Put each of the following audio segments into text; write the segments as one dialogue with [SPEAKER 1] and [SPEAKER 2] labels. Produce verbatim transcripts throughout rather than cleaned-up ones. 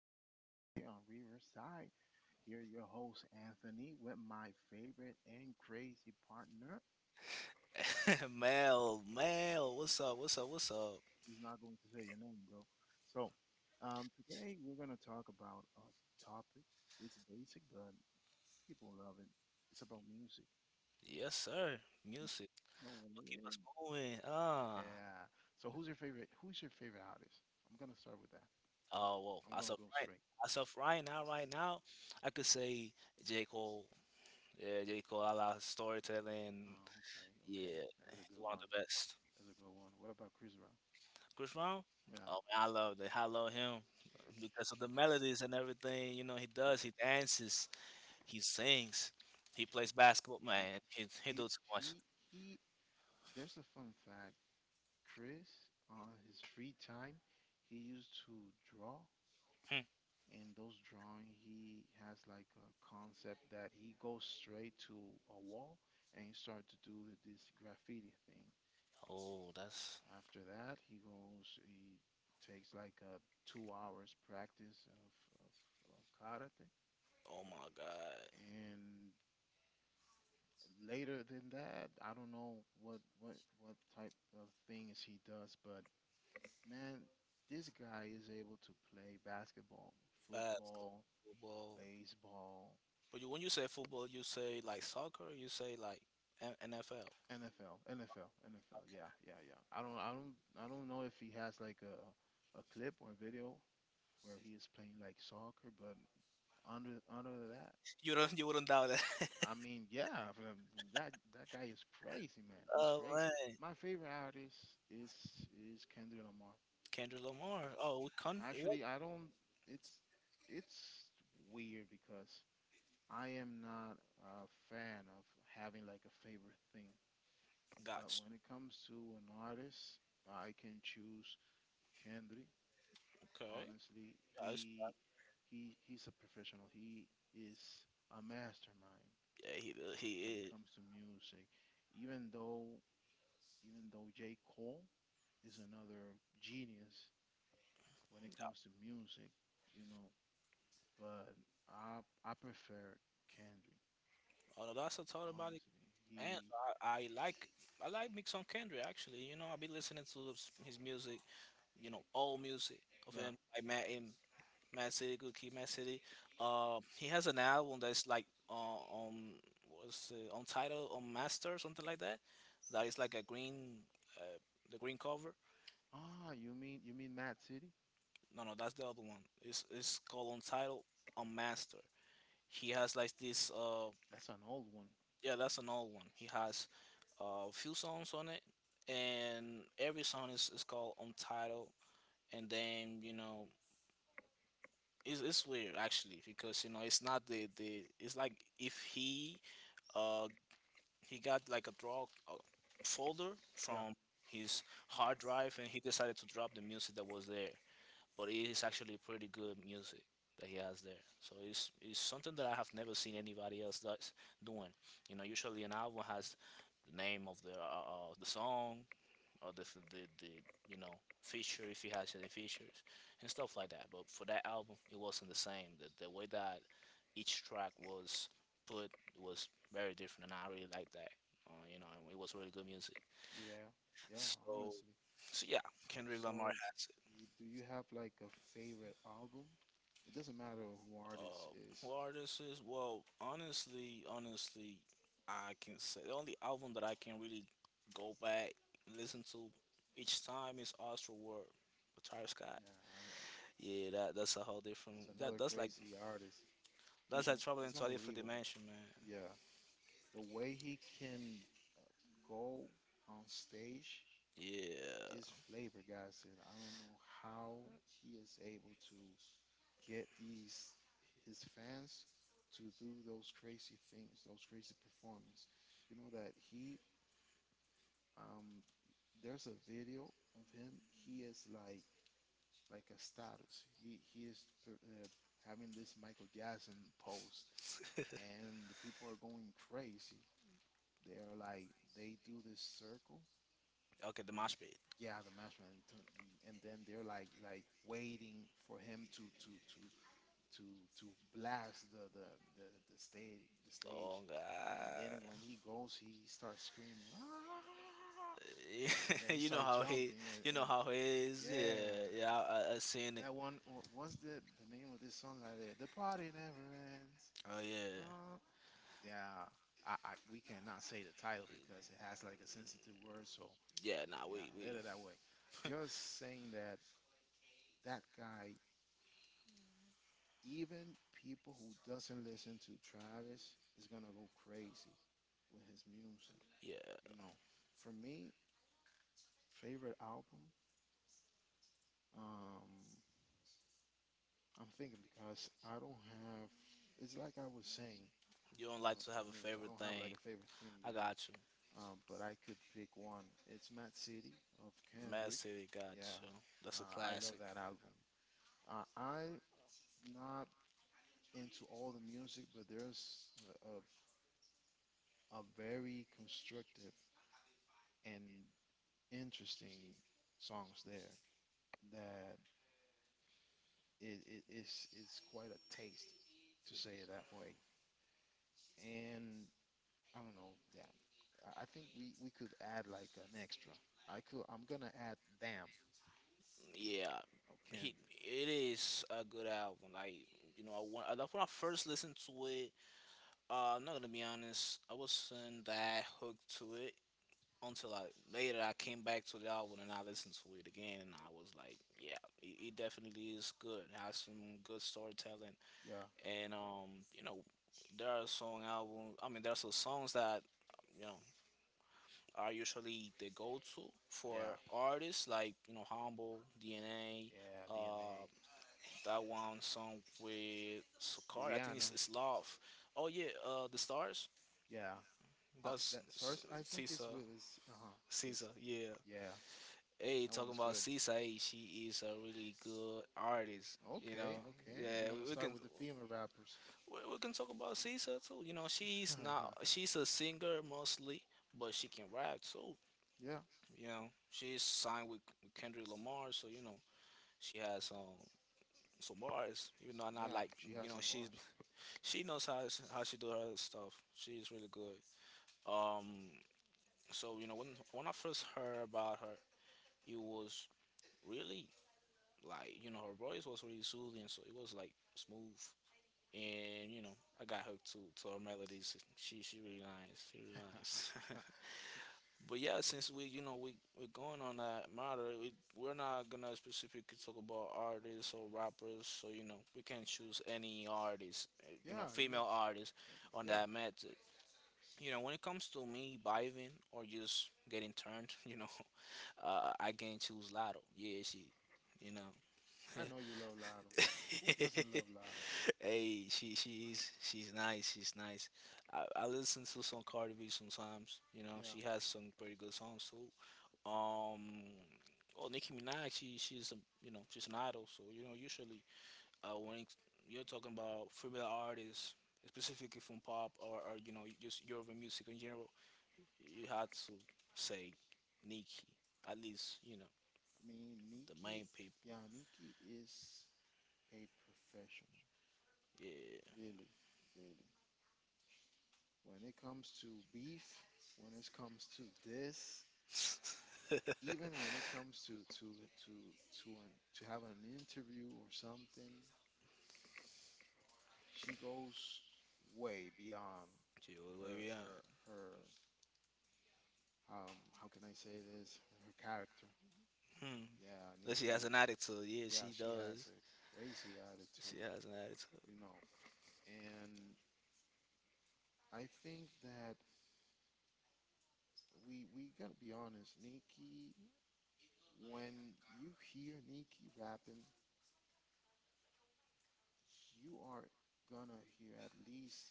[SPEAKER 1] podcast on here on Riverside. Here, your host Anthony with my favorite and crazy partner.
[SPEAKER 2] Mel, Mel, what's up? What's up? What's up?
[SPEAKER 1] Who's not going to say your name, bro. So, um, Today we're gonna talk about a topic. It's basic, but people love it. It's about music.
[SPEAKER 2] Yes, sir.
[SPEAKER 1] You
[SPEAKER 2] Music.
[SPEAKER 1] know what
[SPEAKER 2] What keep
[SPEAKER 1] it is?
[SPEAKER 2] us moving. Ah.
[SPEAKER 1] Yeah. So, who's your favorite? Who's your favorite artist? I'm gonna start with that.
[SPEAKER 2] Oh
[SPEAKER 1] I'm
[SPEAKER 2] well, as
[SPEAKER 1] gonna
[SPEAKER 2] of
[SPEAKER 1] go
[SPEAKER 2] right,
[SPEAKER 1] straight.
[SPEAKER 2] as of right now, right now, I could say J Cole. Yeah, J Cole, I love his storytelling.
[SPEAKER 1] Oh, okay, okay.
[SPEAKER 2] Yeah,
[SPEAKER 1] That's a
[SPEAKER 2] he's
[SPEAKER 1] good
[SPEAKER 2] one of
[SPEAKER 1] one.
[SPEAKER 2] the best.
[SPEAKER 1] That's a good one. What about Chris Brown?
[SPEAKER 2] Chris Brown.
[SPEAKER 1] Yeah.
[SPEAKER 2] Oh man, I love that. I love him because of the melodies and everything. You know, he does. He dances. He sings. He plays basketball.
[SPEAKER 1] He
[SPEAKER 2] Man, he he
[SPEAKER 1] he
[SPEAKER 2] do too much.
[SPEAKER 1] he he. There's a fun fact. Chris, on his free time, he used to draw,
[SPEAKER 2] Hmm.
[SPEAKER 1] and those drawing he has like a concept that he goes straight to a wall and he starts to do this graffiti thing.
[SPEAKER 2] Oh, that's.
[SPEAKER 1] After that, he goes. He takes like a two hours practice of of, of karate,
[SPEAKER 2] Oh my God,
[SPEAKER 1] and later than that, I don't know what what what type of things he does, but man, this guy is able to play basketball,
[SPEAKER 2] basketball,
[SPEAKER 1] football,
[SPEAKER 2] football.
[SPEAKER 1] baseball,
[SPEAKER 2] But you, when you say football, you say like soccer. Or you say like N- NFL.
[SPEAKER 1] N F L, N F L, N F L. Yeah, yeah, yeah. I don't I don't I don't know if he has like a a clip or a video where he is playing like soccer, but under under that.
[SPEAKER 2] You don't you wouldn't doubt that.
[SPEAKER 1] I mean, yeah, for them- that that guy is crazy, man. He's
[SPEAKER 2] Oh
[SPEAKER 1] crazy.
[SPEAKER 2] man,
[SPEAKER 1] My favorite artist is is Kendrick Lamar.
[SPEAKER 2] Kendrick Lamar.
[SPEAKER 1] Yeah,
[SPEAKER 2] Oh, we con. What?
[SPEAKER 1] Actually, I don't. It's it's weird because I am not a fan of having like a favorite thing. But
[SPEAKER 2] Got.
[SPEAKER 1] when it comes to an artist, I can choose Kendrick.
[SPEAKER 2] Okay.
[SPEAKER 1] Honestly,
[SPEAKER 2] Yes.
[SPEAKER 1] he he he's a professional. He is a mastermind
[SPEAKER 2] Yeah, he
[SPEAKER 1] when
[SPEAKER 2] he
[SPEAKER 1] it
[SPEAKER 2] is.
[SPEAKER 1] comes to music. Even though even though J. Cole is another genius when it comes to music, you know. But I I prefer Kendrick,
[SPEAKER 2] Oh no, that's a thought about it.
[SPEAKER 1] honestly.
[SPEAKER 2] And
[SPEAKER 1] He
[SPEAKER 2] I, I like I like mix on Kendrick actually. You know, I be listening to his his music. You know, old music of
[SPEAKER 1] yeah.
[SPEAKER 2] him. I met him Mad City, Good Kid, Mad City. Uh, he has an album that's like uh, on what's it, on title on Master or something like that. That is like a green, uh, the green cover.
[SPEAKER 1] Ah, you mean you mean Mad City?
[SPEAKER 2] No, no, that's the other one. It's it's called on title on Master. He has like this. Uh,
[SPEAKER 1] That's an old one.
[SPEAKER 2] yeah, that's an old one. He has uh, a few songs on it, and every song is, is called on title. And then you know it's, it's weird actually because you know it's not the the it's like if he uh he got like a draw uh, folder
[SPEAKER 1] Yeah.
[SPEAKER 2] from his hard drive and he decided to drop the music that was there, but it is actually pretty good music that he has there. So it's it's something that I have never seen anybody else that's doing. You know, usually an album has the name of the uh, uh, the song or the the, the you know feature if he has any features and stuff like that. But for that album, it wasn't the same. The, the way that each track was put was very different, and I really like that. Uh, you know, and it was really good music.
[SPEAKER 1] Yeah. Yeah,
[SPEAKER 2] So,
[SPEAKER 1] honestly.
[SPEAKER 2] so yeah, Kendrick Lamar
[SPEAKER 1] So,
[SPEAKER 2] has it.
[SPEAKER 1] you, do you have like a favorite album? It doesn't matter who artist
[SPEAKER 2] Um,
[SPEAKER 1] is.
[SPEAKER 2] who artist is? Well, honestly, honestly, I can say the only album that I can really go back and listen to each time is Astro World with Travis Scott.
[SPEAKER 1] Yeah, I,
[SPEAKER 2] Yeah, that that's a whole different.
[SPEAKER 1] that's
[SPEAKER 2] That
[SPEAKER 1] another
[SPEAKER 2] that's like
[SPEAKER 1] crazy artist.
[SPEAKER 2] that's
[SPEAKER 1] He's
[SPEAKER 2] like
[SPEAKER 1] un,
[SPEAKER 2] traveling
[SPEAKER 1] he's
[SPEAKER 2] to a different
[SPEAKER 1] unbelievable.
[SPEAKER 2] dimension, man.
[SPEAKER 1] Yeah. The way he can uh, go on stage
[SPEAKER 2] Yeah.
[SPEAKER 1] is flabbergasted. I don't know how he is able to get these his fans to do those crazy things, those crazy performances. You know that he um there's a video of him. He is like like a status. He he is per- uh, having this Michael Jackson pose, and the people are going crazy. They're like they do this circle
[SPEAKER 2] Okay, the
[SPEAKER 1] when
[SPEAKER 2] mosh pit.
[SPEAKER 1] yeah the matchman and, t- and then they're like like waiting for him to to to to to blast the the the, the stage the stage,
[SPEAKER 2] Long.
[SPEAKER 1] and then
[SPEAKER 2] Uh,
[SPEAKER 1] when he goes he starts screaming "Ah!" and then he
[SPEAKER 2] you know
[SPEAKER 1] starts
[SPEAKER 2] how he.
[SPEAKER 1] jumping and,
[SPEAKER 2] You know
[SPEAKER 1] and
[SPEAKER 2] how he is.
[SPEAKER 1] yeah
[SPEAKER 2] Yeah. Yeah. I, I, I seen it.
[SPEAKER 1] that one wha- what's the the name of this song like that the party never ends.
[SPEAKER 2] Oh yeah.
[SPEAKER 1] uh, yeah, I, I we cannot say the title because it has like a sensitive word. So
[SPEAKER 2] Yeah. Nah.
[SPEAKER 1] yeah,
[SPEAKER 2] We we.
[SPEAKER 1] let it that way. Just saying that that guy, even people who doesn't listen to Travis, is gonna go crazy with his music.
[SPEAKER 2] Yeah.
[SPEAKER 1] You know, for me, favorite album. Um, I'm thinking because I don't have. It's like I was saying
[SPEAKER 2] You don't like
[SPEAKER 1] uh, a
[SPEAKER 2] to
[SPEAKER 1] few
[SPEAKER 2] have a
[SPEAKER 1] minutes. I
[SPEAKER 2] favorite
[SPEAKER 1] don't have like
[SPEAKER 2] thing.
[SPEAKER 1] a favorite thing,
[SPEAKER 2] I
[SPEAKER 1] you know.
[SPEAKER 2] got you.
[SPEAKER 1] Um, but I could pick one. It's Mad City of
[SPEAKER 2] Mad
[SPEAKER 1] Kendrick.
[SPEAKER 2] City. Got
[SPEAKER 1] Yeah,
[SPEAKER 2] you. That's a
[SPEAKER 1] uh, I love
[SPEAKER 2] classic.
[SPEAKER 1] that album. Uh, I not into all the music, but there's a, a, a very constructive and interesting songs there that it, it, it's, it's quite a taste to say it that way. And I don't know, yeah, I- I think we, we could add like an extra. I could, I'm gonna add Damn
[SPEAKER 2] Yeah.
[SPEAKER 1] of
[SPEAKER 2] He.
[SPEAKER 1] Kendrick.
[SPEAKER 2] It is a good album. Like you know, I, when, I- like, when I first listened to it, Uh, I'm not gonna be honest. I wasn't that hooked to it until I later I came back to the album and I listened to it again and I was like, yeah, it, it definitely is good. It has some good storytelling
[SPEAKER 1] Yeah,
[SPEAKER 2] and um, you know, there are song album. I mean, there are some songs that you know are usually the go-to for
[SPEAKER 1] yeah,
[SPEAKER 2] artists like you know Humble D N A.
[SPEAKER 1] yeah,
[SPEAKER 2] Uh,
[SPEAKER 1] D N A.
[SPEAKER 2] that one song with Sukar, I think
[SPEAKER 1] Rihanna,
[SPEAKER 2] it's, it's Love. Oh yeah, uh, the stars.
[SPEAKER 1] yeah. Uh,
[SPEAKER 2] That's
[SPEAKER 1] that starts, I think it's
[SPEAKER 2] Cisa.
[SPEAKER 1] with, uh huh,
[SPEAKER 2] Cisa, yeah.
[SPEAKER 1] yeah,
[SPEAKER 2] Hey,
[SPEAKER 1] that one
[SPEAKER 2] talking
[SPEAKER 1] is
[SPEAKER 2] about
[SPEAKER 1] good.
[SPEAKER 2] Cisa, hey, she is a really good artist. You
[SPEAKER 1] Okay,
[SPEAKER 2] know,
[SPEAKER 1] okay. We're
[SPEAKER 2] yeah,
[SPEAKER 1] gonna
[SPEAKER 2] we, we
[SPEAKER 1] start
[SPEAKER 2] can
[SPEAKER 1] with the female rappers.
[SPEAKER 2] we, we can talk about Cisa too. You know, she's not she's a singer mostly, but she can rap too.
[SPEAKER 1] Yeah,
[SPEAKER 2] You know, she's signed with Kendrick Lamar, so you know she has um some bars. Even though I'm not
[SPEAKER 1] yeah.
[SPEAKER 2] like
[SPEAKER 1] She
[SPEAKER 2] you
[SPEAKER 1] has
[SPEAKER 2] know
[SPEAKER 1] some
[SPEAKER 2] she's
[SPEAKER 1] bars.
[SPEAKER 2] she knows how how she do her stuff. She's really good. Um, so you know when when I first heard about her, it was really like you know her voice was really soothing, so it was like smooth. And you know, I got hooked to to her melodies. She she really nice. She really nice. But yeah, since we you know we we're going on that matter, we we're not gonna specifically talk about artists or rappers. So you know, we can choose any artist, eh, you know,
[SPEAKER 1] Yeah, you can.
[SPEAKER 2] female artist on
[SPEAKER 1] Yeah,
[SPEAKER 2] that method. You know, when it comes to me vibing or just getting turned, you know, uh, I can choose Lotto. Yeah, she, you know.
[SPEAKER 1] I know you love Lotto. Who doesn't love Lotto?
[SPEAKER 2] Hey, she she's she's nice. She's nice. I, I listen to some Cardi B sometimes. You know,
[SPEAKER 1] Yeah,
[SPEAKER 2] she has some pretty good songs too. Um, oh, Nicki Minaj. She she's a you know she's an idol. So you know usually uh, when it's- you're talking about female artists, specifically from pop or, or you know just European music in general, you had to say Nicki. At least you know
[SPEAKER 1] I mean
[SPEAKER 2] the
[SPEAKER 1] Nikki.
[SPEAKER 2] main people.
[SPEAKER 1] Yeah, Nikki is a professional.
[SPEAKER 2] Yeah.
[SPEAKER 1] Really, really. When it comes to beef, when it comes to this, even when it comes to to to to an, to have an interview or something, she goes way beyond
[SPEAKER 2] She was like,
[SPEAKER 1] her
[SPEAKER 2] yeah.
[SPEAKER 1] her her um how can I say this, her character.
[SPEAKER 2] Hmm.
[SPEAKER 1] Yeah,
[SPEAKER 2] That she has an
[SPEAKER 1] Nikki.
[SPEAKER 2] attitude. Yeah,
[SPEAKER 1] Yeah,
[SPEAKER 2] she
[SPEAKER 1] she has
[SPEAKER 2] does.
[SPEAKER 1] a crazy
[SPEAKER 2] She
[SPEAKER 1] attitude,
[SPEAKER 2] has an attitude.
[SPEAKER 1] you know. And I think that we we gotta be honest, Nikki. When you hear Nikki rapping, you are gonna hear at least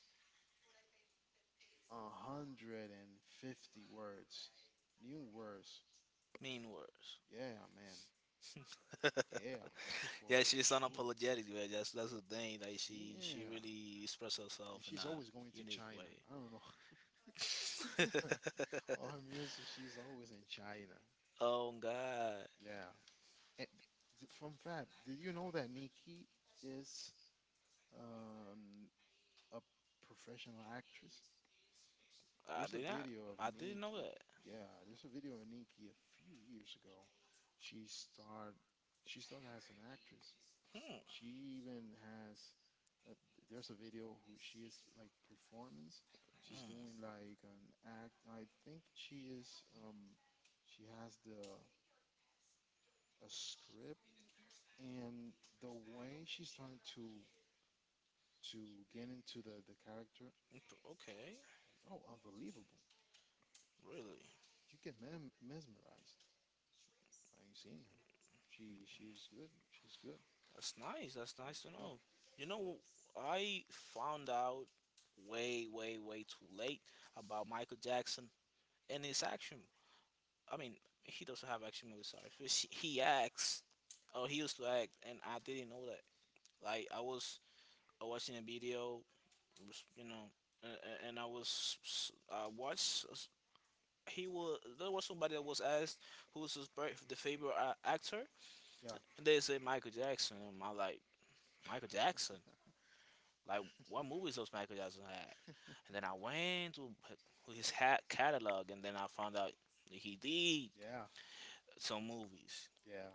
[SPEAKER 1] a hundred and fifty words, new words.
[SPEAKER 2] Mean words.
[SPEAKER 1] Yeah, man. Yeah,
[SPEAKER 2] Yeah,
[SPEAKER 1] for
[SPEAKER 2] she's
[SPEAKER 1] sure.
[SPEAKER 2] unapologetic, man. That's that's the thing. Like she she
[SPEAKER 1] Yeah.
[SPEAKER 2] really expresses
[SPEAKER 1] And
[SPEAKER 2] herself in
[SPEAKER 1] she's
[SPEAKER 2] a
[SPEAKER 1] always going to
[SPEAKER 2] unique
[SPEAKER 1] China.
[SPEAKER 2] way.
[SPEAKER 1] I don't know. All her music, she's always in China.
[SPEAKER 2] Oh God,
[SPEAKER 1] Yeah. And th- fun fact, did you know that Nikki is um, a professional actress?
[SPEAKER 2] I
[SPEAKER 1] There's a
[SPEAKER 2] did not.
[SPEAKER 1] video of
[SPEAKER 2] I didn't know
[SPEAKER 1] Nikki.
[SPEAKER 2] that.
[SPEAKER 1] Yeah, there's a video of Nikki a few years ago. She starred she started as an actress.
[SPEAKER 2] Hmm.
[SPEAKER 1] She even has uh, there's a video who she is like performance. She's doing like an act. I think she is um she has the a script, and the way she started to to get into the the character.
[SPEAKER 2] Imp- okay.
[SPEAKER 1] Oh, unbelievable.
[SPEAKER 2] Really.
[SPEAKER 1] You get mem- mesmerized by seeing her. She she's good. She's good.
[SPEAKER 2] That's nice. That's nice
[SPEAKER 1] She's
[SPEAKER 2] to
[SPEAKER 1] good.
[SPEAKER 2] know. You know, I found out way, way, way too late about Michael Jackson and his action. I mean, he doesn't have action movie stars. Which he acts, oh, he used to act, and I didn't know that. Like I was uh, watching a video, was, you know, and, and I was s- I watched. s- He was there was somebody that was asked who's his birth, the favorite uh, actor,
[SPEAKER 1] Yeah.
[SPEAKER 2] and they said Michael Jackson. And I like Michael Jackson. Like what movies does Michael Jackson have? And then I went to h- his hat catalog, and then I found out that he did
[SPEAKER 1] Yeah.
[SPEAKER 2] some movies.
[SPEAKER 1] Yeah.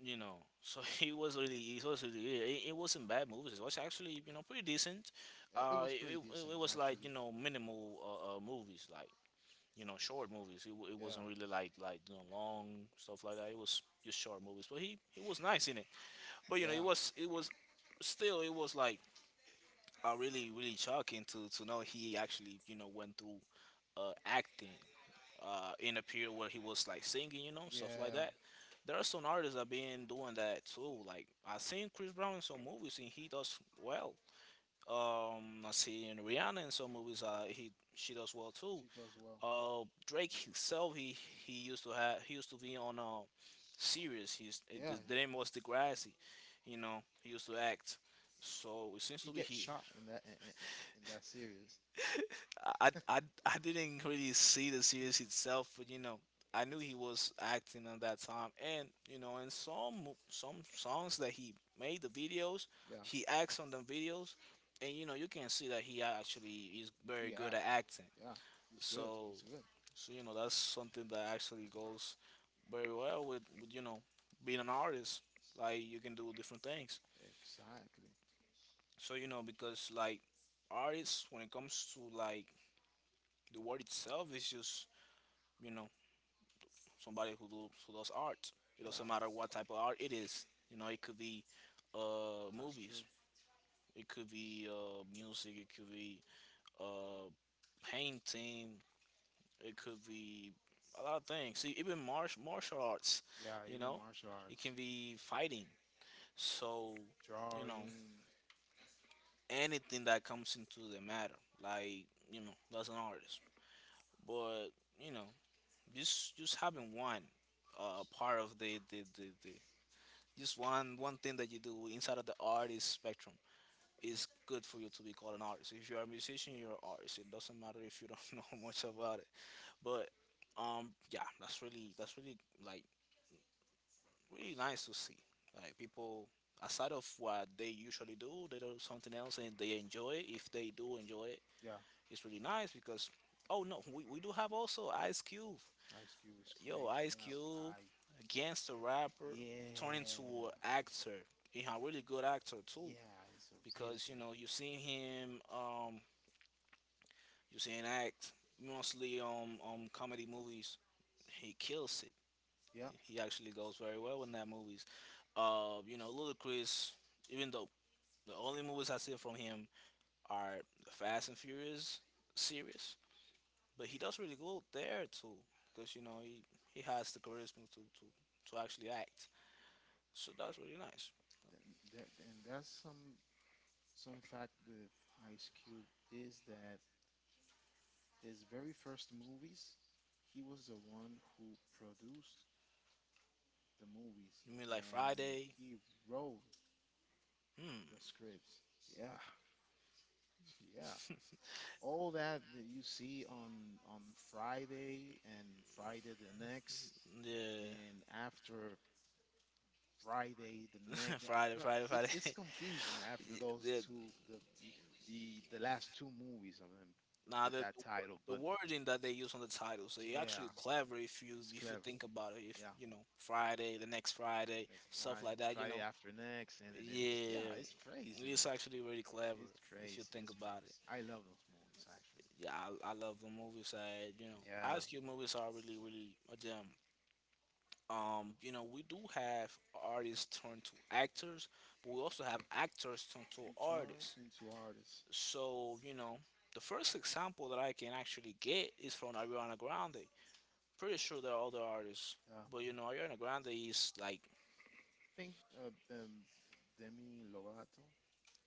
[SPEAKER 2] You know, so he was really it was really it, it wasn't bad movies. It was actually you know pretty decent.
[SPEAKER 1] It, it
[SPEAKER 2] Uh
[SPEAKER 1] was
[SPEAKER 2] it,
[SPEAKER 1] pretty
[SPEAKER 2] it,
[SPEAKER 1] decent
[SPEAKER 2] it was like
[SPEAKER 1] actually.
[SPEAKER 2] you know minimal uh, uh movies like you know short movies. It, wa- it
[SPEAKER 1] Yeah.
[SPEAKER 2] wasn't really like like you know long stuff like that. It was just short movies, but he he was nice in it. But you know
[SPEAKER 1] Yeah.
[SPEAKER 2] it was it was still it was like uh, really really shocking to to know he actually you know went through uh acting uh, in a period where he was like singing, you know, stuff like
[SPEAKER 1] Yeah,
[SPEAKER 2] that. There are some artists that been doing that too. Like I seen Chris Brown in some movies and he does well. Um, I seen Rihanna in some movies. Uh, he she does well too.
[SPEAKER 1] she does well.
[SPEAKER 2] Uh, Drake himself, he he used to have he used to be on a series. He's
[SPEAKER 1] Yeah,
[SPEAKER 2] the the name was Degrassi. You know, he used to act. So it seems
[SPEAKER 1] he
[SPEAKER 2] to be
[SPEAKER 1] gets
[SPEAKER 2] he
[SPEAKER 1] shot in that in, in, in in that series.
[SPEAKER 2] I, I, I didn't really see the series itself, but you know, I knew he was acting at that time, and you know, in some mo- some songs that he made the videos,
[SPEAKER 1] Yeah,
[SPEAKER 2] he acts on the videos, and you know, you can see that he actually is very
[SPEAKER 1] he
[SPEAKER 2] good at
[SPEAKER 1] acts.
[SPEAKER 2] acting.
[SPEAKER 1] Yeah, he's good.
[SPEAKER 2] So,
[SPEAKER 1] He's good.
[SPEAKER 2] so you know, that's something that actually goes very well with, with you know, being an artist. Like you can do different things.
[SPEAKER 1] Exactly.
[SPEAKER 2] So you know, because like artists, when it comes to like the word itself, is just you know somebody who do, who does art. It doesn't
[SPEAKER 1] Yeah,
[SPEAKER 2] matter what type of art it is. You know, it could be uh,
[SPEAKER 1] that's true.
[SPEAKER 2] movies, it could be uh, music, it could be uh, painting, it could be a lot of things. See, even martial martial arts.
[SPEAKER 1] Yeah,
[SPEAKER 2] You
[SPEAKER 1] even
[SPEAKER 2] know,
[SPEAKER 1] martial
[SPEAKER 2] it
[SPEAKER 1] arts,
[SPEAKER 2] can be fighting. So, you know,
[SPEAKER 1] drawing.
[SPEAKER 2] anything that comes into the matter, like you know, that's an artist. But you know, just just having one uh, part of the the, the, the just one one thing that you do inside of the artist spectrum is good for you to be called an artist. If you're a musician, you're an artist. It doesn't matter if you don't know much about it. But um, yeah, that's really that's really like really nice to see. Like people aside of what they usually do, they do something else and they enjoy it. If they do enjoy it,
[SPEAKER 1] Yeah,
[SPEAKER 2] it's really nice because oh no, we, we do have also Ice Cube.
[SPEAKER 1] Ice Cube is
[SPEAKER 2] Yo,
[SPEAKER 1] crazy.
[SPEAKER 2] Ice
[SPEAKER 1] That
[SPEAKER 2] Cube
[SPEAKER 1] guy.
[SPEAKER 2] gangster rapper turned into an
[SPEAKER 1] Yeah,
[SPEAKER 2] actor. He's a really good actor too.
[SPEAKER 1] yeah, he's a really
[SPEAKER 2] Because you
[SPEAKER 1] good
[SPEAKER 2] know
[SPEAKER 1] actor.
[SPEAKER 2] you've seen him, um, you've seen him act mostly on um, comedy movies. He kills it.
[SPEAKER 1] Yeah,
[SPEAKER 2] He actually goes very well in that movies. Uh, you know, Ludacris, even though the only movies I see from him are the Fast and Furious series, but he does really good there too because you know he he has the charisma to to to actually act. So that's really nice.
[SPEAKER 1] th- th- and that's some some fact with Ice Cube is that his very first movies, he was the one who produced the movies
[SPEAKER 2] You mean like
[SPEAKER 1] and
[SPEAKER 2] Friday?
[SPEAKER 1] he wrote the
[SPEAKER 2] Hmm.
[SPEAKER 1] scripts. Yeah, yeah. All that that you see on on Friday and Friday the next
[SPEAKER 2] Yeah.
[SPEAKER 1] and after Friday the next. I-
[SPEAKER 2] Friday,
[SPEAKER 1] no,
[SPEAKER 2] Friday,
[SPEAKER 1] It's
[SPEAKER 2] Friday.
[SPEAKER 1] it's confusing after those
[SPEAKER 2] yeah.
[SPEAKER 1] two the the the, the last two movies of them
[SPEAKER 2] Now
[SPEAKER 1] with
[SPEAKER 2] the
[SPEAKER 1] that
[SPEAKER 2] the wor-
[SPEAKER 1] title,
[SPEAKER 2] the
[SPEAKER 1] but
[SPEAKER 2] wording that they use on the title, so you actually
[SPEAKER 1] yeah,
[SPEAKER 2] clever if you
[SPEAKER 1] it's
[SPEAKER 2] if you
[SPEAKER 1] clever.
[SPEAKER 2] think about it. If
[SPEAKER 1] Yeah.
[SPEAKER 2] you know Friday, the next
[SPEAKER 1] The
[SPEAKER 2] Friday,
[SPEAKER 1] next
[SPEAKER 2] stuff
[SPEAKER 1] Friday,
[SPEAKER 2] like that. You
[SPEAKER 1] Friday
[SPEAKER 2] know,
[SPEAKER 1] after next, and then it's, yeah,
[SPEAKER 2] yeah,
[SPEAKER 1] it's crazy,
[SPEAKER 2] it's
[SPEAKER 1] man.
[SPEAKER 2] actually really clever
[SPEAKER 1] It's
[SPEAKER 2] if you
[SPEAKER 1] crazy.
[SPEAKER 2] think
[SPEAKER 1] It's
[SPEAKER 2] about it.
[SPEAKER 1] crazy. I love those movies, actually.
[SPEAKER 2] Yeah, I, I love the movies. I, you know,
[SPEAKER 1] Yeah,
[SPEAKER 2] Ice Cube movies are really really a gem. Um, you know, we do have artists turn to actors, but we also have actors turn to
[SPEAKER 1] you turn
[SPEAKER 2] artists.
[SPEAKER 1] into artists.
[SPEAKER 2] So you know, the first example that I can actually get is from Ariana Grande. Pretty sure there are other artists,
[SPEAKER 1] Yeah,
[SPEAKER 2] but you know, Ariana Grande is like,
[SPEAKER 1] I think uh, um, Demi Lovato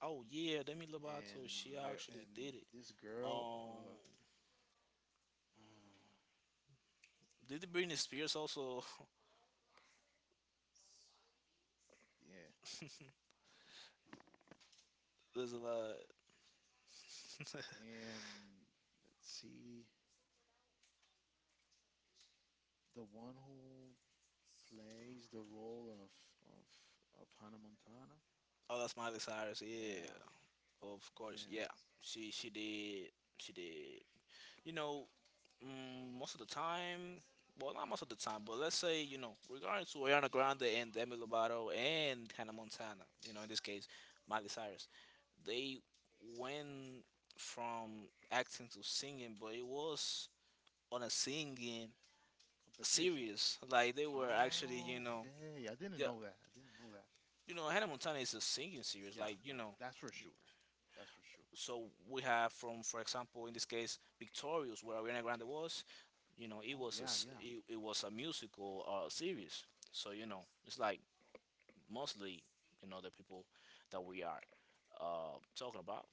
[SPEAKER 2] oh yeah, Demi
[SPEAKER 1] and
[SPEAKER 2] Lovato, she
[SPEAKER 1] my
[SPEAKER 2] actually
[SPEAKER 1] and
[SPEAKER 2] did it.
[SPEAKER 1] this girl. Uh,
[SPEAKER 2] Um,
[SPEAKER 1] uh,
[SPEAKER 2] did Britney Spears also?
[SPEAKER 1] yeah,
[SPEAKER 2] There's a lot.
[SPEAKER 1] and let's see, the one who plays the role of of of Hannah Montana.
[SPEAKER 2] oh, that's Miley Cyrus. Yeah,
[SPEAKER 1] Yeah,
[SPEAKER 2] of course.
[SPEAKER 1] yeah,
[SPEAKER 2] Yeah, she she did. She did. You know, mm, most of the time. Well, not most of the time, but let's say you know, regarding to Ariana Grande and Demi Lovato and Hannah Montana. You know, in this case, Miley Cyrus, they went from acting to singing, but it was on a singing
[SPEAKER 1] competition.
[SPEAKER 2] series. Like they were actually, you know,
[SPEAKER 1] Okay, I didn't
[SPEAKER 2] yeah,
[SPEAKER 1] know that. I didn't know that.
[SPEAKER 2] you know, Hannah Montana is a singing series.
[SPEAKER 1] Yeah,
[SPEAKER 2] Like you
[SPEAKER 1] no,
[SPEAKER 2] know,
[SPEAKER 1] that's for sure. That's for sure.
[SPEAKER 2] so we have from, for example, in this case, Victorious, where Ariana Grande was. You know, it
[SPEAKER 1] Oh
[SPEAKER 2] was a
[SPEAKER 1] yeah,
[SPEAKER 2] s-
[SPEAKER 1] yeah.
[SPEAKER 2] it, it was a musical uh, series. So you know, it's like mostly you know the people that we are uh, talking about,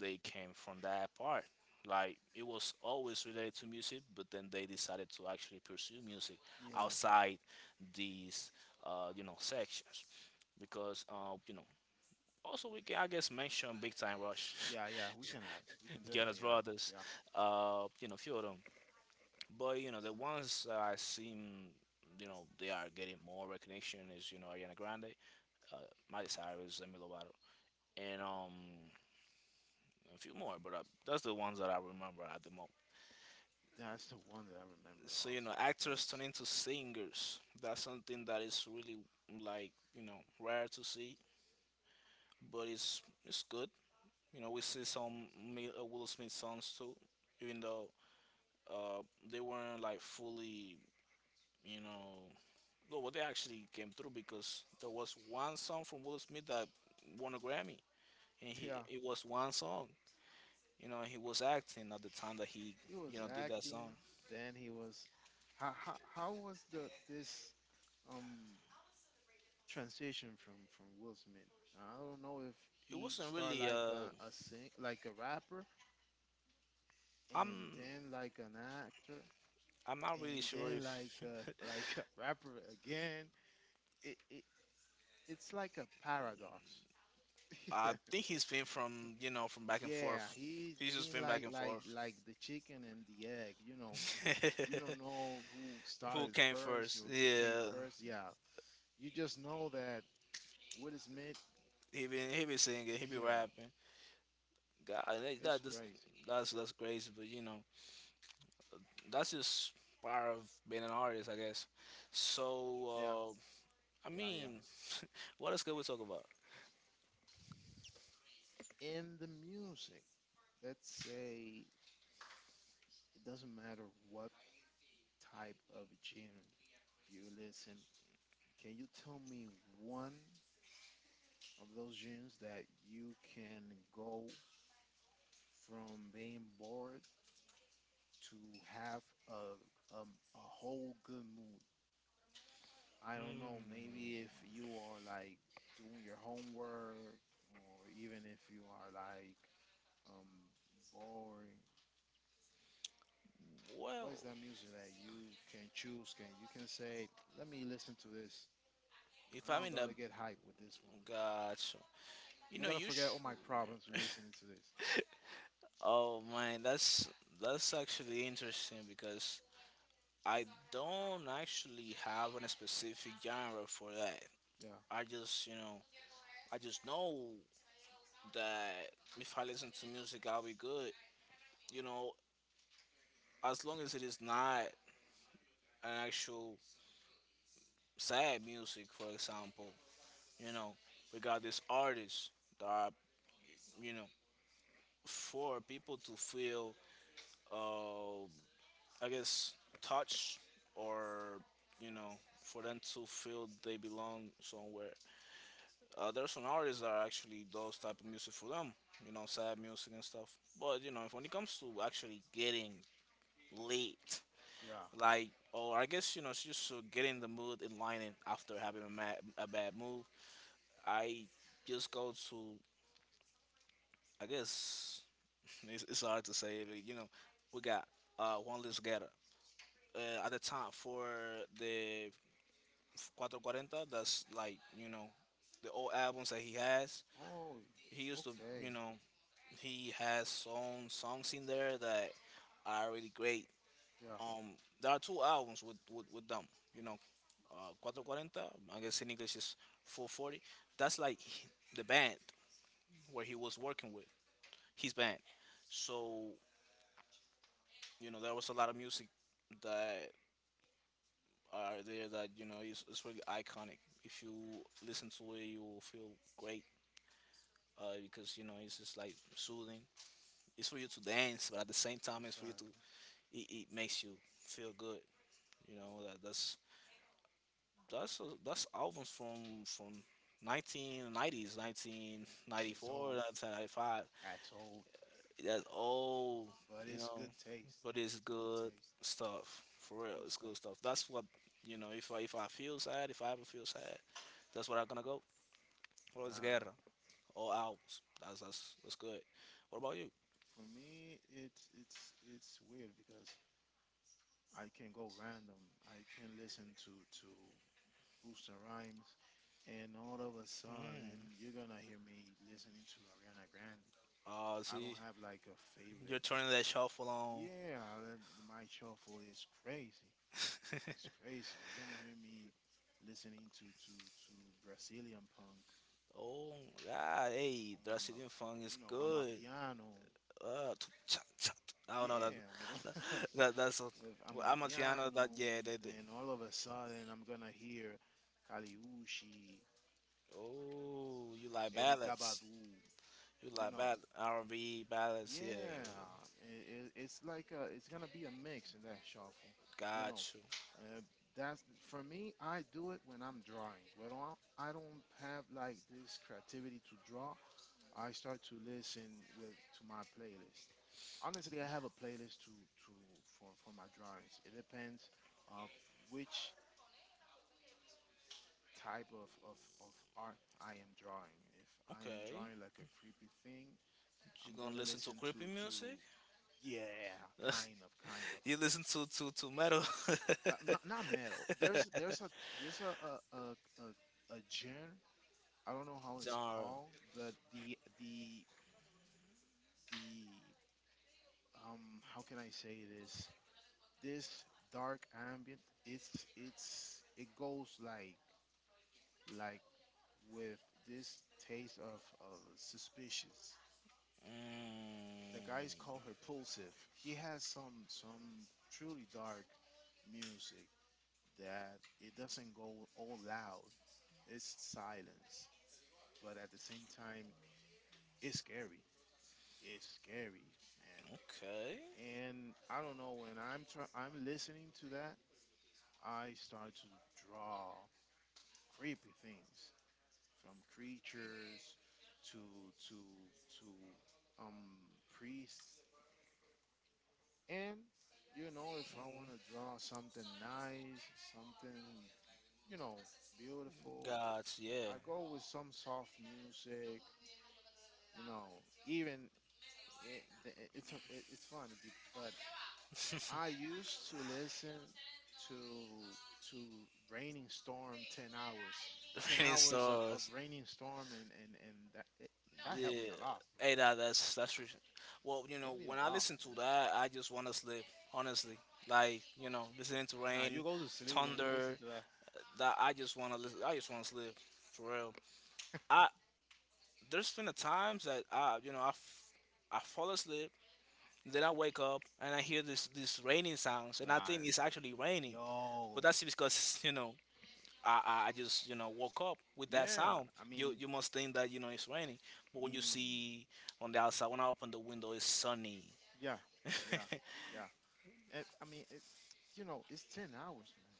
[SPEAKER 2] they came from that part, like it was always related to music but then they decided to actually pursue music
[SPEAKER 1] Yeah.
[SPEAKER 2] outside these uh, you know sections because uh, you know also we can I guess mention Big Time Rush,
[SPEAKER 1] Yeah, yeah, we can add. We can
[SPEAKER 2] jonas
[SPEAKER 1] definitely add.
[SPEAKER 2] Brothers,
[SPEAKER 1] Yeah.
[SPEAKER 2] uh, you know few of them, but you know the ones that I seem you know they are getting more recognition is you know Ariana Grande, uh, Miley Cyrus, Demi Lovato, and um a few more. But uh, that's the ones that I remember at the moment.
[SPEAKER 1] That's the one that I remember
[SPEAKER 2] So you
[SPEAKER 1] also
[SPEAKER 2] know, actors
[SPEAKER 1] because
[SPEAKER 2] turn into singers. That's something that is really like you know rare to see, but it's it's good. You know, we see some Mi- uh, Will Smith songs too, even though uh they weren't like fully you know. No, well, they actually came through because there was one song from Will Smith that won a Grammy, and he
[SPEAKER 1] yeah,
[SPEAKER 2] it was one song. You know he was acting at the time that he
[SPEAKER 1] he was
[SPEAKER 2] you know did that
[SPEAKER 1] acting,
[SPEAKER 2] song.
[SPEAKER 1] then he was how how, how was the this um transition from from Will Smith. I don't know if
[SPEAKER 2] It
[SPEAKER 1] he
[SPEAKER 2] wasn't
[SPEAKER 1] started
[SPEAKER 2] really
[SPEAKER 1] like
[SPEAKER 2] uh
[SPEAKER 1] a, a sing like a rapper and
[SPEAKER 2] i'm
[SPEAKER 1] then like an actor
[SPEAKER 2] i'm not really
[SPEAKER 1] and
[SPEAKER 2] sure
[SPEAKER 1] then
[SPEAKER 2] if
[SPEAKER 1] like a, like a rapper again. It, it it's like a paradox.
[SPEAKER 2] I
[SPEAKER 1] Yeah.
[SPEAKER 2] think he's been from you know from back and forth.
[SPEAKER 1] Yeah, he's
[SPEAKER 2] He's just
[SPEAKER 1] been
[SPEAKER 2] been back
[SPEAKER 1] like
[SPEAKER 2] and
[SPEAKER 1] like
[SPEAKER 2] forth.
[SPEAKER 1] like the chicken and the egg, you know, like you don't know who
[SPEAKER 2] who
[SPEAKER 1] started
[SPEAKER 2] came
[SPEAKER 1] first
[SPEAKER 2] first,
[SPEAKER 1] or came
[SPEAKER 2] yeah.
[SPEAKER 1] first. Yeah. You just know that Will Smith,
[SPEAKER 2] He been he be singing he be
[SPEAKER 1] yeah,
[SPEAKER 2] rapping. God, that,
[SPEAKER 1] it's
[SPEAKER 2] that just,
[SPEAKER 1] crazy.
[SPEAKER 2] that's that's crazy but you know that's just part of being an artist I guess.
[SPEAKER 1] Yeah.
[SPEAKER 2] So uh I
[SPEAKER 1] Yeah, yeah.
[SPEAKER 2] mean what else can we talk about.
[SPEAKER 1] In the music. Let's say it doesn't matter what type of genre you listen. Can you tell me one of those genres that you can go from being bored to have a um, a whole good mood? I don't know.
[SPEAKER 2] Hmm,
[SPEAKER 1] Maybe if you are like doing your homework, or even if you are like um, boring. What
[SPEAKER 2] well,
[SPEAKER 1] is that music that you can choose? Can you can say, let me listen to this.
[SPEAKER 2] if
[SPEAKER 1] I know
[SPEAKER 2] I'm
[SPEAKER 1] I'm
[SPEAKER 2] in a.
[SPEAKER 1] gonna get hype with this one.
[SPEAKER 2] Gotcha. You
[SPEAKER 1] I'm not
[SPEAKER 2] know,
[SPEAKER 1] gonna
[SPEAKER 2] you.
[SPEAKER 1] forget all
[SPEAKER 2] Sh-.
[SPEAKER 1] my problems listening to this.
[SPEAKER 2] Oh man, that's that's actually interesting because I don't actually have a specific genre for that.
[SPEAKER 1] Yeah,
[SPEAKER 2] I just, you know, I just know that if I listen to music, I'll be good. You know, as long as it is not an actual sad music, for example. You know, we got these artists that are, you know, for people to feel. Uh, I guess, touch or you know for them to feel they belong somewhere. Uh, there's some artists that are actually those type of music for them, you know, sad music and stuff. But you know, if, when it comes to actually getting lit,
[SPEAKER 1] yeah.
[SPEAKER 2] like or I guess you know, it's just to get in the mood and lining after having a, mad, a bad move, I just go to I guess it's, it's hard to say, but you know, we got uh, one list getter. Uh, at the time for the four four zero. That's like you know the old albums that he has.
[SPEAKER 1] Oh,
[SPEAKER 2] He used to you
[SPEAKER 1] okay.
[SPEAKER 2] know he has some songs in there that are really great.
[SPEAKER 1] Yeah,
[SPEAKER 2] Um, there are two albums with with, with them. You know, uh, four forty. I guess in English is four forty. That's like the band where he was working with his band. So you know there was a lot of music that are there that you know is, is really iconic. If you listen to it, you will feel great uh, because you know it's just like soothing. It's for you to dance, but at the same time, it's for you to,
[SPEAKER 1] exactly.
[SPEAKER 2] it, it makes you feel good. You know that that's that's that's albums from from nineteen nineties, four, nineteen
[SPEAKER 1] Yeah.
[SPEAKER 2] ninety
[SPEAKER 1] It's
[SPEAKER 2] five.
[SPEAKER 1] old.
[SPEAKER 2] nineteen ninety-five.
[SPEAKER 1] That's old.
[SPEAKER 2] That's all
[SPEAKER 1] But
[SPEAKER 2] you
[SPEAKER 1] it's
[SPEAKER 2] know,
[SPEAKER 1] good taste.
[SPEAKER 2] but it's
[SPEAKER 1] Good
[SPEAKER 2] good
[SPEAKER 1] taste.
[SPEAKER 2] stuff for real.
[SPEAKER 1] The good
[SPEAKER 2] It's
[SPEAKER 1] stuff.
[SPEAKER 2] good stuff. That's what you know. If I if I feel sad, if I ever feel sad, that's where I'm gonna go. Or it's
[SPEAKER 1] Yeah.
[SPEAKER 2] guerra, all albums. That's that's that's good. What about you?
[SPEAKER 1] For me, it's it's it's weird because I can go random. I can listen to to Booster Rhymes, and all of a
[SPEAKER 2] Mm.
[SPEAKER 1] sudden you're gonna hear me listening to Ariana Grande.
[SPEAKER 2] Uh, so
[SPEAKER 1] I
[SPEAKER 2] you,
[SPEAKER 1] don't have like a
[SPEAKER 2] you're
[SPEAKER 1] favorite.
[SPEAKER 2] turning that shuffle on.
[SPEAKER 1] Yeah, that- my shuffle is crazy. It's crazy. You're gonna hear me listening to to to Brazilian punk
[SPEAKER 2] Oh God, hey,
[SPEAKER 1] on I
[SPEAKER 2] Brazilian funk is
[SPEAKER 1] you know I'm a
[SPEAKER 2] good.
[SPEAKER 1] piano.
[SPEAKER 2] Uh, t- cha- cha- I don't know that.
[SPEAKER 1] Yeah, me
[SPEAKER 2] That,
[SPEAKER 1] lo-
[SPEAKER 2] that that's a,
[SPEAKER 1] with
[SPEAKER 2] well, I'm a piano. That yeah,
[SPEAKER 1] Amapiano.
[SPEAKER 2] they do.
[SPEAKER 1] Then all of a sudden, I'm gonna hear Kaliushi,
[SPEAKER 2] Oh, you like
[SPEAKER 1] Erika
[SPEAKER 2] ballads?
[SPEAKER 1] Badu.
[SPEAKER 2] You
[SPEAKER 1] You
[SPEAKER 2] like
[SPEAKER 1] know,
[SPEAKER 2] ball R and B ballads? Yeah,
[SPEAKER 1] yeah, it, it's like a, it's gonna be a mix in that shuffle. You know,
[SPEAKER 2] got you.
[SPEAKER 1] uh, that's for me. I do it when I'm drawing. When I I don't have like this creativity to draw, I start to listen with to my playlist. Honestly, I have a playlist to to for for my drawings. It depends uh, which type of, of, of art I am drawing. If I am
[SPEAKER 2] Okay,
[SPEAKER 1] drawing like a creepy thing,
[SPEAKER 2] you
[SPEAKER 1] I'm
[SPEAKER 2] gonna
[SPEAKER 1] gonna
[SPEAKER 2] listen to
[SPEAKER 1] listen
[SPEAKER 2] creepy
[SPEAKER 1] to to
[SPEAKER 2] music?
[SPEAKER 1] yeah, kind of, kind of.
[SPEAKER 2] you listen to to to metal?
[SPEAKER 1] Uh, not not metal. There's there's a there's a a a, a, a genre. I don't know how it's
[SPEAKER 2] genre?
[SPEAKER 1] called, but the the the um how can I say this? This dark ambient. It's it's it goes like like with this taste of, of suspicious the
[SPEAKER 2] Mm,
[SPEAKER 1] guys call her Pulsive. He has some some truly dark music that it doesn't go all loud. It's silence, but at the same time, it's scary. It's scary, man.
[SPEAKER 2] okay,
[SPEAKER 1] And I don't know when I'm try- I'm listening to that, I start to draw creepy things from creatures to to to um priests. And you know, if I want to draw something nice, something, you know, beautiful,
[SPEAKER 2] got you, yeah.
[SPEAKER 1] I go with some soft music. You know, even it, the- it- it's it, it's funny, bec- but I used to listen to to Raining Storm ten hours,
[SPEAKER 2] The
[SPEAKER 1] ten
[SPEAKER 2] Raining
[SPEAKER 1] hours of of
[SPEAKER 2] Stars.
[SPEAKER 1] Raining Storm, and and and that it, that helped me
[SPEAKER 2] Yeah.
[SPEAKER 1] a lot, bro.
[SPEAKER 2] Hey, that that's that's re-, well, you know,
[SPEAKER 1] Helped me a
[SPEAKER 2] when I
[SPEAKER 1] lot.
[SPEAKER 2] listen to that, I just want to sleep. Honestly, like you know, listening to
[SPEAKER 1] Like, nah, you
[SPEAKER 2] rain,
[SPEAKER 1] go to sleep when you listen
[SPEAKER 2] thunder,
[SPEAKER 1] to that.
[SPEAKER 2] that I just want to listen. I just want to sleep for real. I there's been a times that I you know I, f- I fall asleep, then I wake up and I hear this this raining sounds, and I
[SPEAKER 1] Nah,
[SPEAKER 2] think it's actually raining, but
[SPEAKER 1] yo.
[SPEAKER 2] that's because you know I, I I just you know woke up with that
[SPEAKER 1] Yeah,
[SPEAKER 2] sound.
[SPEAKER 1] I
[SPEAKER 2] You
[SPEAKER 1] mean,
[SPEAKER 2] you must think that you know it's raining, but
[SPEAKER 1] I
[SPEAKER 2] when you
[SPEAKER 1] mean,
[SPEAKER 2] see on the outside, when I open the window, it's sunny.
[SPEAKER 1] yeah, yeah, yeah. It, I mean, it, you know, it's ten hours, man.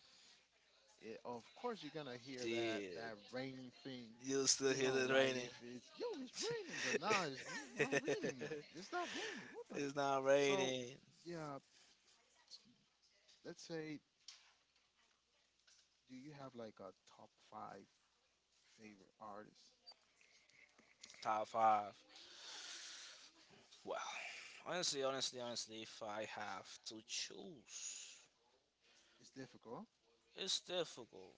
[SPEAKER 1] It, of course, you're gonna hear that
[SPEAKER 2] Dude,
[SPEAKER 1] that rain thing.
[SPEAKER 2] you still
[SPEAKER 1] You
[SPEAKER 2] hear
[SPEAKER 1] know,
[SPEAKER 2] it
[SPEAKER 1] like
[SPEAKER 2] raining.
[SPEAKER 1] if it's yo, it's raining, but now it's, it's not raining, man. It's not raining. What the?
[SPEAKER 2] it's not
[SPEAKER 1] So,
[SPEAKER 2] raining.
[SPEAKER 1] yeah, s- let's say, do you have like a top five favorite artist?
[SPEAKER 2] Top five. Well, honestly, honestly, honestly, if I have to choose,
[SPEAKER 1] It's difficult.
[SPEAKER 2] it's difficult.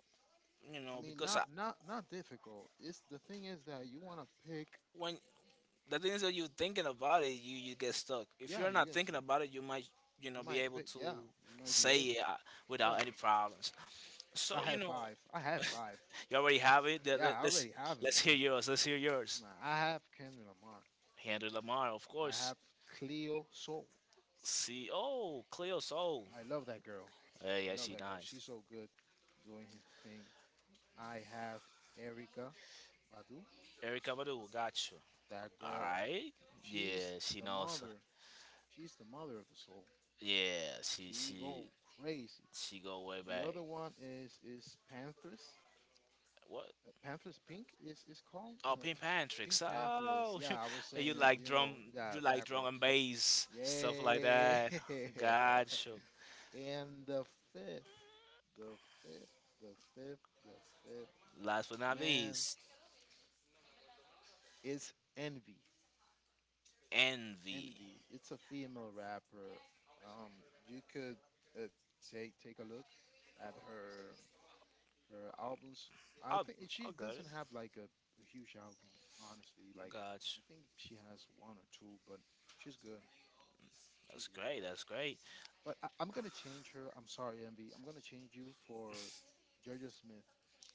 [SPEAKER 2] You
[SPEAKER 1] I
[SPEAKER 2] know,
[SPEAKER 1] mean,
[SPEAKER 2] because I,
[SPEAKER 1] not not not difficult. It's, the thing is that you wanna pick.
[SPEAKER 2] when the thing is that you're thinking about it, you you get stuck. If
[SPEAKER 1] Yeah,
[SPEAKER 2] you're
[SPEAKER 1] you
[SPEAKER 2] not
[SPEAKER 1] guys.
[SPEAKER 2] thinking about it, you might you know
[SPEAKER 1] You
[SPEAKER 2] be
[SPEAKER 1] might
[SPEAKER 2] able
[SPEAKER 1] pick,
[SPEAKER 2] to
[SPEAKER 1] yeah. You might be
[SPEAKER 2] say
[SPEAKER 1] able
[SPEAKER 2] it
[SPEAKER 1] to.
[SPEAKER 2] uh,
[SPEAKER 1] Yeah,
[SPEAKER 2] without any problems.
[SPEAKER 1] I
[SPEAKER 2] So you
[SPEAKER 1] have
[SPEAKER 2] know,
[SPEAKER 1] five. I have five.
[SPEAKER 2] you already have it. Let-
[SPEAKER 1] Yeah,
[SPEAKER 2] let-
[SPEAKER 1] I
[SPEAKER 2] Let's
[SPEAKER 1] already have him,
[SPEAKER 2] let's
[SPEAKER 1] man.
[SPEAKER 2] hear yours. Let's hear yours.
[SPEAKER 1] Nah, I have Kendrick Lamar.
[SPEAKER 2] Andrew Lamar, of
[SPEAKER 1] I
[SPEAKER 2] course.
[SPEAKER 1] have Cleo Soul.
[SPEAKER 2] See, oh, Cleo Soul.
[SPEAKER 1] I love that girl.
[SPEAKER 2] Hey, yeah,
[SPEAKER 1] I love
[SPEAKER 2] she
[SPEAKER 1] that girl. She's
[SPEAKER 2] nice.
[SPEAKER 1] so good doing her thing. I have Erica Badu.
[SPEAKER 2] Erica Badu, got you.
[SPEAKER 1] That
[SPEAKER 2] All
[SPEAKER 1] girl.
[SPEAKER 2] right.
[SPEAKER 1] She's
[SPEAKER 2] Yeah, she
[SPEAKER 1] the
[SPEAKER 2] knows.
[SPEAKER 1] mother. She's the mother of the soul.
[SPEAKER 2] Yeah, she
[SPEAKER 1] She go
[SPEAKER 2] she
[SPEAKER 1] crazy.
[SPEAKER 2] she go way
[SPEAKER 1] The
[SPEAKER 2] back.
[SPEAKER 1] other one is is Panthers.
[SPEAKER 2] What?
[SPEAKER 1] Uh, Panthers Pink is is called,
[SPEAKER 2] Oh,
[SPEAKER 1] uh,
[SPEAKER 2] pin
[SPEAKER 1] Pink
[SPEAKER 2] tricks!
[SPEAKER 1] Panthers.
[SPEAKER 2] Oh,
[SPEAKER 1] Yeah, I was
[SPEAKER 2] you
[SPEAKER 1] saying it.
[SPEAKER 2] like
[SPEAKER 1] You know,
[SPEAKER 2] drum,
[SPEAKER 1] yeah,
[SPEAKER 2] you like drum
[SPEAKER 1] backward.
[SPEAKER 2] and bass, stuff like
[SPEAKER 1] Yeah.
[SPEAKER 2] that. Gotcha.
[SPEAKER 1] And the fifth, the fifth, the fifth, the fifth.
[SPEAKER 2] Last but not
[SPEAKER 1] Man,
[SPEAKER 2] least,
[SPEAKER 1] it's Envy.
[SPEAKER 2] Envy.
[SPEAKER 1] Envy. It's a female rapper. Um, you could, uh, take take a look at her. Her albums, I
[SPEAKER 2] Oh,
[SPEAKER 1] think she
[SPEAKER 2] I got it.
[SPEAKER 1] doesn't have like a, a huge album, honestly. Like,
[SPEAKER 2] Gotcha.
[SPEAKER 1] I think she has one or two, but she's good. She's
[SPEAKER 2] That's
[SPEAKER 1] good.
[SPEAKER 2] great. That's great.
[SPEAKER 1] But I, I'm gonna change her. I'm sorry, Envy. I'm gonna change you for Georgia Smith.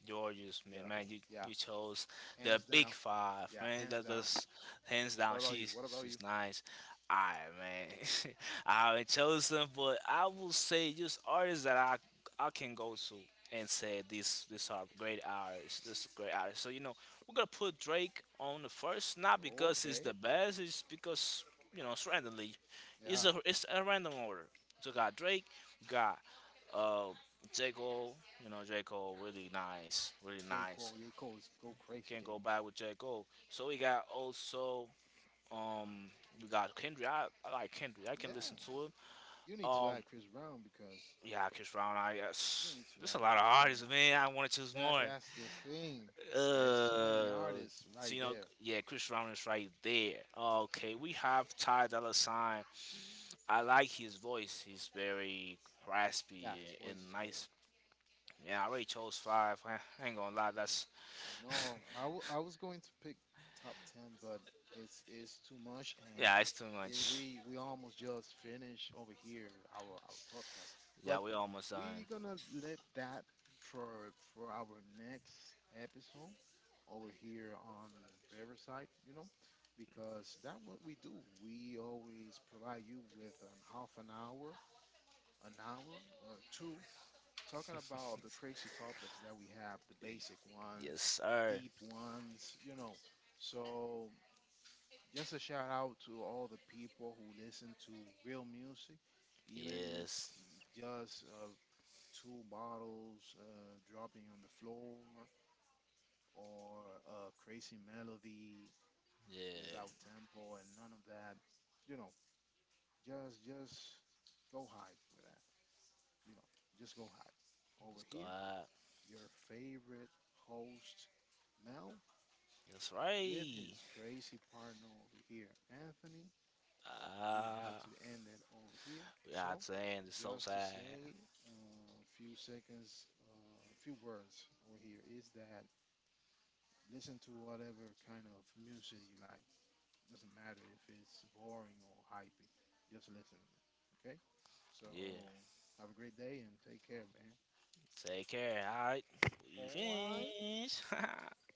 [SPEAKER 2] Georgia Smith,
[SPEAKER 1] Yeah,
[SPEAKER 2] man, you,
[SPEAKER 1] yeah,
[SPEAKER 2] you chose the
[SPEAKER 1] hands
[SPEAKER 2] big
[SPEAKER 1] down.
[SPEAKER 2] five,
[SPEAKER 1] Yeah,
[SPEAKER 2] man.
[SPEAKER 1] hands
[SPEAKER 2] That
[SPEAKER 1] down.
[SPEAKER 2] that's hands down.
[SPEAKER 1] What about you?
[SPEAKER 2] She's
[SPEAKER 1] What about
[SPEAKER 2] she's
[SPEAKER 1] you?
[SPEAKER 2] nice. I man, I haven't chosen them, but I will say just artists that I I can go to and say these these are great artists. This is great artists. So you know we're gonna put Drake on the first, not because it's
[SPEAKER 1] Okay.
[SPEAKER 2] the best, it's because you know it's randomly. It's
[SPEAKER 1] Yeah.
[SPEAKER 2] a it's a random order. So we got Drake, we got. Uh, J. Cole, you know, J. Cole, really nice, really
[SPEAKER 1] J.
[SPEAKER 2] nice.
[SPEAKER 1] Cole. J. Cole is go
[SPEAKER 2] You
[SPEAKER 1] crazy,
[SPEAKER 2] can't
[SPEAKER 1] J.
[SPEAKER 2] go
[SPEAKER 1] Cole.
[SPEAKER 2] back with J. Cole. So we got also, um, we got Kendrick. I, I like Kendrick. I can
[SPEAKER 1] Yeah.
[SPEAKER 2] listen to him.
[SPEAKER 1] You need to
[SPEAKER 2] Um,
[SPEAKER 1] add Chris Brown because
[SPEAKER 2] yeah, Chris Brown. I
[SPEAKER 1] you
[SPEAKER 2] yes.
[SPEAKER 1] need to
[SPEAKER 2] There's a
[SPEAKER 1] add
[SPEAKER 2] lot of
[SPEAKER 1] Chris Brown.
[SPEAKER 2] artists, man. I want to choose
[SPEAKER 1] That's
[SPEAKER 2] more.
[SPEAKER 1] that's the thing. There is too many
[SPEAKER 2] Uh,
[SPEAKER 1] artists
[SPEAKER 2] so
[SPEAKER 1] right
[SPEAKER 2] you know,
[SPEAKER 1] there.
[SPEAKER 2] yeah, Chris Brown is right there. Okay, we have Ty Dolla Sign. I like his voice. He's very
[SPEAKER 1] Yeah,
[SPEAKER 2] raspy
[SPEAKER 1] his
[SPEAKER 2] and
[SPEAKER 1] voice is good.
[SPEAKER 2] nice. Yeah, I already chose five. I I ain't gonna lie, that's.
[SPEAKER 1] I know. I, w- I was going to pick top ten, but it's it's too much, and
[SPEAKER 2] Yeah, it's too
[SPEAKER 1] it,
[SPEAKER 2] much.
[SPEAKER 1] we we almost just finished over here our our podcast.
[SPEAKER 2] Yeah,
[SPEAKER 1] But
[SPEAKER 2] we almost done.
[SPEAKER 1] we gonna leave that for for our next episode over here on Riverside. You know, because that's what we do. We always provide you with an half an hour, an hour or two, talking about the crazy topics that we have, the basic
[SPEAKER 2] Yes,
[SPEAKER 1] ones,
[SPEAKER 2] sir.
[SPEAKER 1] deep ones, you know. So, just a shout out to all the people who listen to real music, even it's
[SPEAKER 2] Yes.
[SPEAKER 1] just, uh, two bottles, uh, dropping on the floor or a crazy melody without
[SPEAKER 2] Yeah.
[SPEAKER 1] tempo and none of that. You know, just just go hype with that. You know, just go hype over
[SPEAKER 2] Let's go
[SPEAKER 1] here,
[SPEAKER 2] out.
[SPEAKER 1] your favorite host, Mel,
[SPEAKER 2] That's
[SPEAKER 1] with
[SPEAKER 2] right.
[SPEAKER 1] his crazy partner over here, Anthony. We have
[SPEAKER 2] Ah,
[SPEAKER 1] to end it over here.
[SPEAKER 2] we out
[SPEAKER 1] So,
[SPEAKER 2] to end the soul
[SPEAKER 1] just to
[SPEAKER 2] side.
[SPEAKER 1] say, uh, a few seconds, uh, a few words over here is that listen to whatever kind of music you like. Doesn't matter if it's boring or hypey, just listen to it. Okay? So,
[SPEAKER 2] Yeah.
[SPEAKER 1] have a great day and take care, man.
[SPEAKER 2] Take care. All right. We
[SPEAKER 1] All right.
[SPEAKER 2] finished.